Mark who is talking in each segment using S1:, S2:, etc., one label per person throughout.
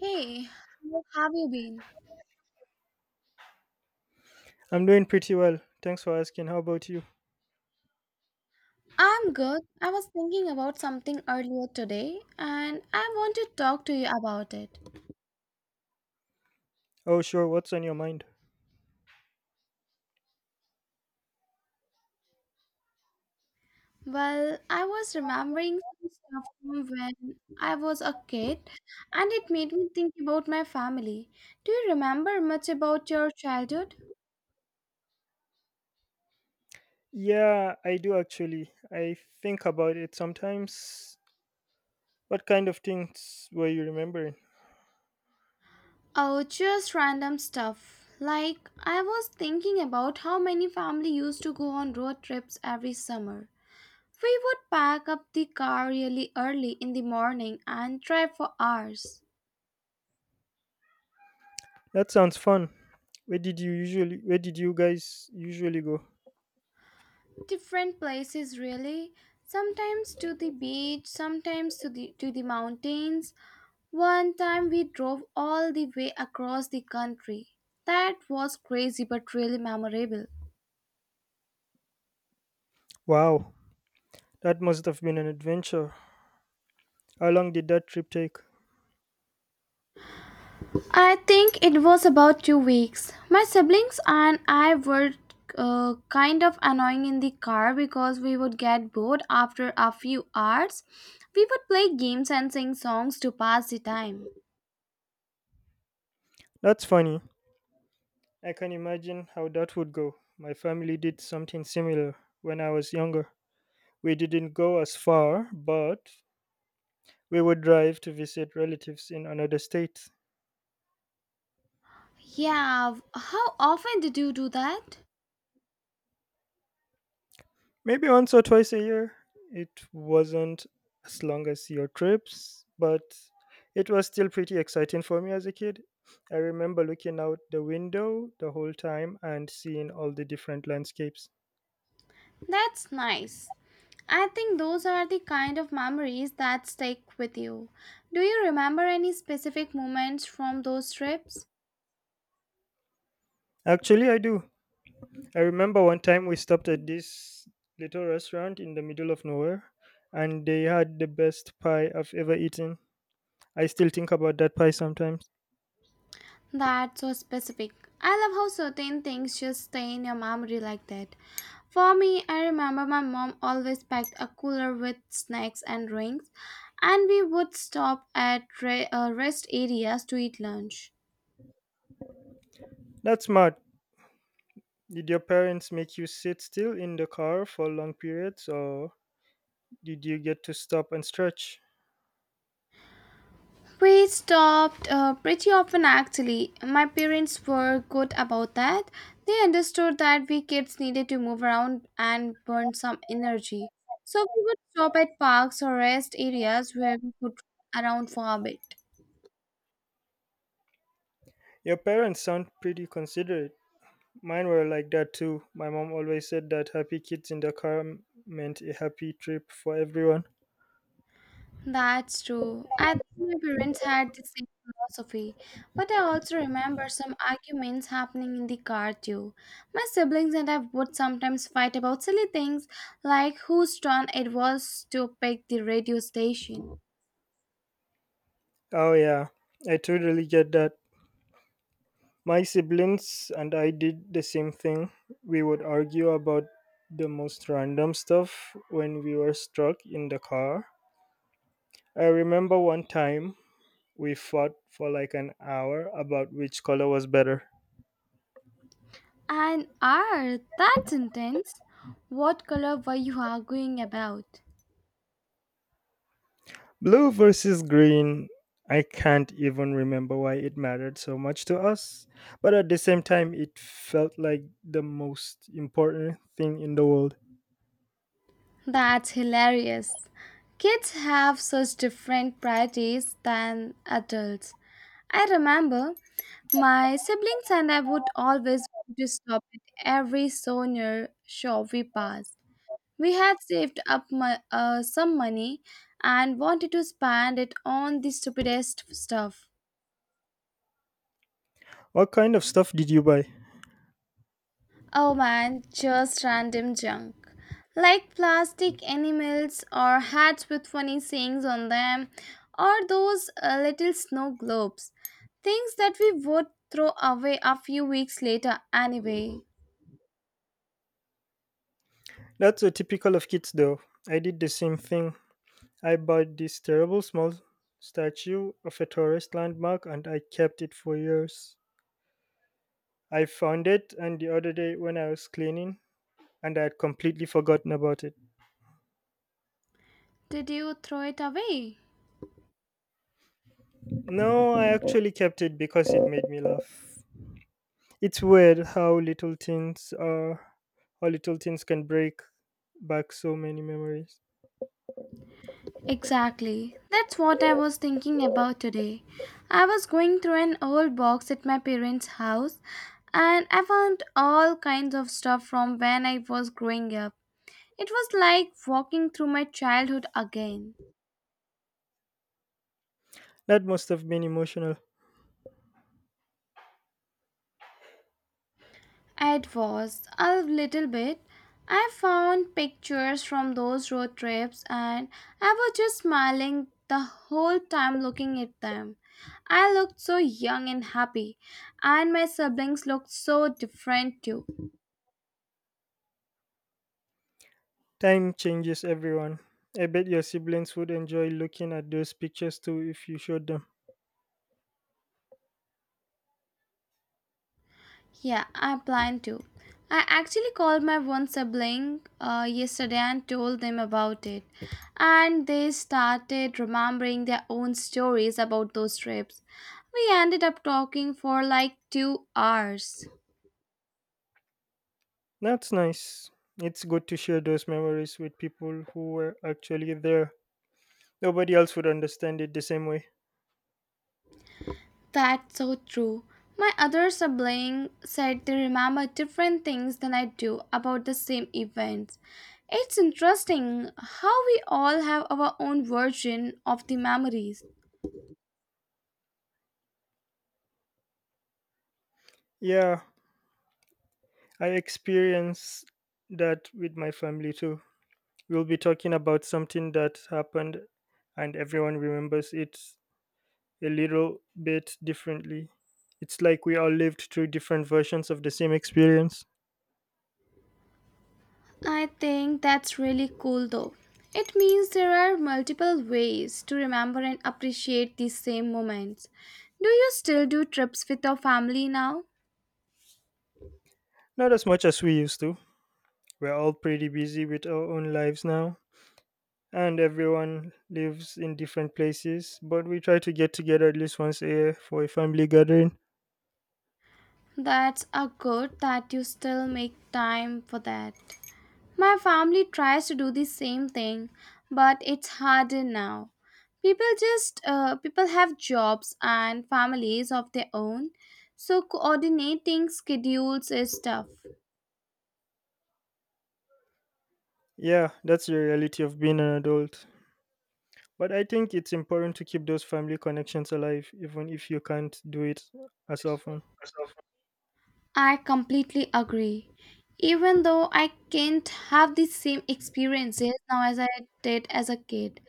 S1: Hey, how have you been?
S2: I'm doing pretty well. Thanks for asking. How about you?
S1: I'm good. I was thinking about something earlier today and I want to talk to you about it.
S2: Oh, sure. What's on your mind?
S1: Well, I was remembering some stuff from when I was a kid and it made me think about my family. Do you remember much about your childhood?
S2: Yeah, I do actually. I think about it sometimes. What kind of things were you remembering?
S1: Oh, just random stuff. Like, I was thinking about how many family used to go on road trips every summer. We would pack up the car really early in the morning and drive for hours.
S2: That sounds fun. Where did you guys usually go?
S1: Different places really, sometimes to the beach, sometimes to the mountains. One time we drove all the way across the country. That was crazy but really memorable.
S2: Wow. That must have been an adventure. How long did that trip take?
S1: I think it was about 2 weeks. My siblings and I were kind of annoying in the car because we would get bored after a few hours. We would play games and sing songs to pass the time.
S2: That's funny. I can imagine how that would go. My family did something similar when I was younger. We didn't go as far, but we would drive to visit relatives in another state,
S1: Yeah, how often did you do that?
S2: maybe once or twice a year. It wasn't as long as your trips, but it was still pretty exciting for me as a kid. I remember looking out the window the whole time and seeing all the different landscapes.
S1: That's nice. I think those are the kind of memories that stick with you. Do you remember any specific moments from those trips?
S2: Actually, I do. I remember one time we stopped at this little restaurant in the middle of nowhere and they had the best pie I've ever eaten. I still think about that pie sometimes.
S1: That's so specific. I love how certain things just stay in your memory like that. For me, I remember my mom always packed a cooler with snacks and drinks, and we would stop at rest areas to eat lunch.
S2: That's mad. Did your parents make you sit still in the car for long periods, or did you get to stop and stretch?
S1: We stopped pretty often actually. My parents were good about that. They understood that we kids needed to move around and burn some energy. So we would stop at parks or rest areas where we could around for a bit.
S2: Your parents sound pretty considerate. Mine were like that too. My mom always said that happy kids in the car meant a happy trip for everyone.
S1: That's true. I think my parents had the same philosophy, but I also remember some arguments happening in the car too. My siblings and I would sometimes fight about silly things like whose turn it was to pick the radio station.
S2: Oh, yeah, I totally get that. My siblings and I did the same thing. We would argue about the most random stuff when we were stuck in the car. I remember one time we fought for like an hour about which color was better.
S1: And are that's intense. What color were you arguing about?
S2: Blue versus green. I can't even remember why it mattered so much to us, but at the same time, it felt like the most important thing in the world.
S1: That's hilarious. Kids have such different priorities than adults. I remember my siblings and I would always want to stop at every souvenir shop we passed. We had saved up some money and wanted to spend it on the stupidest stuff.
S2: What kind of stuff did you buy?
S1: Oh man, just random junk. Like plastic animals or hats with funny sayings on them, or those little snow globes. Things that we would throw away a few weeks later anyway.
S2: That's so typical of kids, though. I did the same thing. I bought this terrible small statue of a tourist landmark and I kept it for years. I found it and the other day when I was cleaning, and I had completely forgotten about it.
S1: Did you throw it away?
S2: No, I actually kept it because it made me laugh. It's weird how little things are, how little things can break back so many memories.
S1: Exactly. That's what I was thinking about today. I was going through an old box at my parents' house and I found all kinds of stuff from when I was growing up. It was like walking through my childhood again.
S2: That must have been emotional.
S1: It was a little bit. I found pictures from those road trips and I was just smiling the whole time looking at them. I looked so young and happy, and my siblings looked so different too.
S2: Time changes everyone. I bet your siblings would enjoy looking at those pictures too if you showed them.
S1: Yeah, I plan to. I actually called my one sibling yesterday and told them about it. And they started remembering their own stories about those trips. We ended up talking for like 2 hours.
S2: That's nice. It's good to share those memories with people who were actually there. Nobody else would understand it the same way.
S1: That's so true. My other sibling said they remember different things than I do about the same events. It's interesting how we all have our own version of the memories.
S2: Yeah, I experienced that with my family too. We'll be talking about something that happened and everyone remembers it a little bit differently. It's like we all lived through different versions of the same experience.
S1: I think that's really cool though. It means there are multiple ways to remember and appreciate these same moments. Do you still do trips with your family now?
S2: Not as much as we used to. We're all pretty busy with our own lives now, and everyone lives in different places, but we try to get together at least once a year for a family gathering.
S1: That's a good that you still make time for that. My family tries to do the same thing, but it's harder now. People just people have jobs and families of their own, so coordinating schedules is tough.
S2: Yeah, that's the reality of being an adult. But I think it's important to keep those family connections alive, even if you can't do it as often.
S1: I completely agree. Even though I can't have the same experiences now as I did as a kid,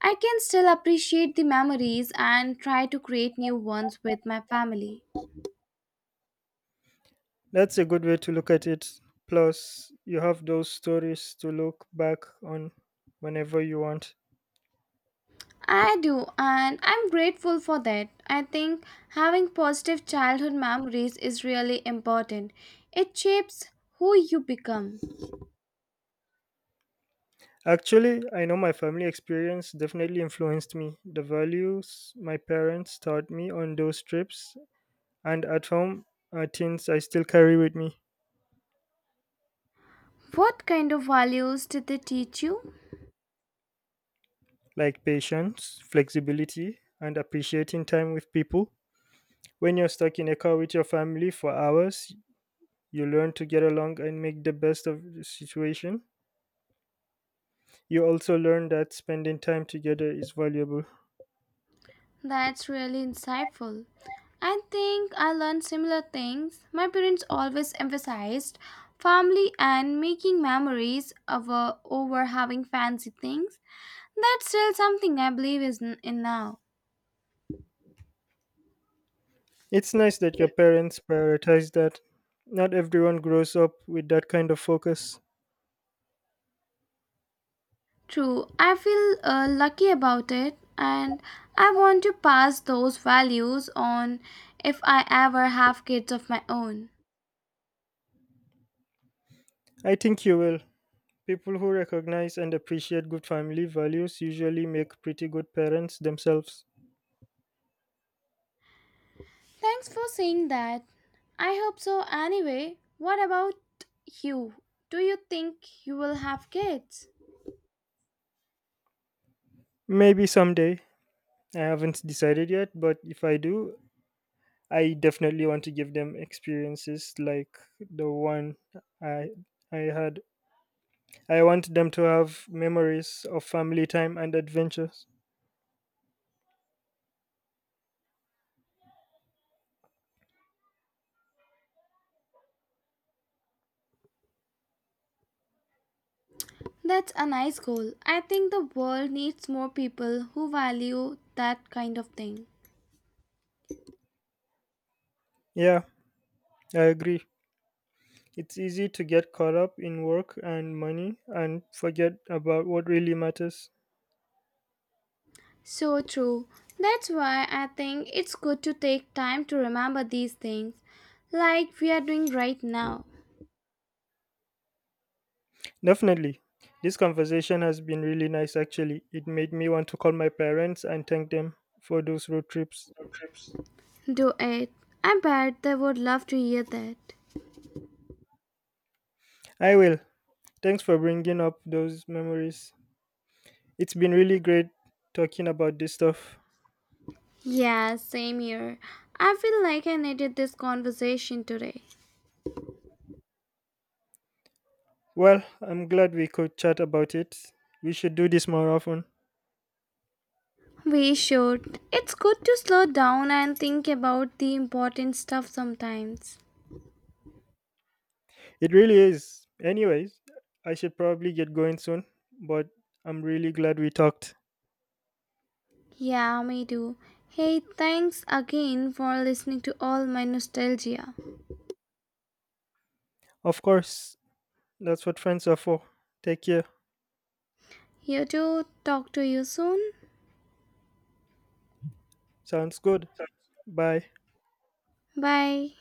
S1: I can still appreciate the memories and try to create new ones with my family.
S2: That's a good way to look at it. Plus, you have those stories to look back on whenever you want.
S1: I do, and I'm grateful for that. I think having positive childhood memories is really important. It shapes who you become.
S2: Actually, I know my family experience definitely influenced me. The values my parents taught me on those trips and at home are things I still carry with me,
S1: What kind of values did they teach you?
S2: like patience, flexibility, and appreciating time with people. When you're stuck in a car with your family for hours, you learn to get along and make the best of the situation. You also learn that spending time together is valuable.
S1: That's really insightful. I think I learned similar things. My parents always emphasized family and making memories over having fancy things. That's still something I believe in now.
S2: It's nice that your parents prioritize that. Not everyone grows up with that kind of focus.
S1: True, I feel lucky about it and I want to pass those values on if I ever have kids of my own.
S2: I think you will. People who recognize and appreciate good family values usually make pretty good parents themselves.
S1: Thanks for saying that. I hope so anyway. What about you? Do you think you will have kids?
S2: Maybe someday. I haven't decided yet, but if I do, I definitely want to give them experiences like the one I I had. I want them to have memories of family time and adventures.
S1: That's a nice goal. I think the world needs more people who value that kind of thing.
S2: Yeah, I agree. It's easy to get caught up in work and money and forget about what really matters.
S1: So true. That's why I think it's good to take time to remember these things, like we are doing right now.
S2: Definitely. This conversation has been really nice actually. It made me want to call my parents and thank them for those road trips.
S1: Do it. I bet they would love to hear that.
S2: I will. Thanks for bringing up those memories. It's been really great talking about this stuff.
S1: Yeah, same here. I feel like I needed this conversation today.
S2: Well, I'm glad we could chat about it. We should do this more often.
S1: We should. It's good to slow down and think about the important stuff sometimes.
S2: It really is. Anyways, I should probably get going soon, but I'm really glad we talked.
S1: Yeah, me too. Hey, thanks again for listening to all my nostalgia.
S2: Of course, that's what friends are for. Take care.
S1: You too. Talk to you soon.
S2: Sounds good. Bye.
S1: Bye.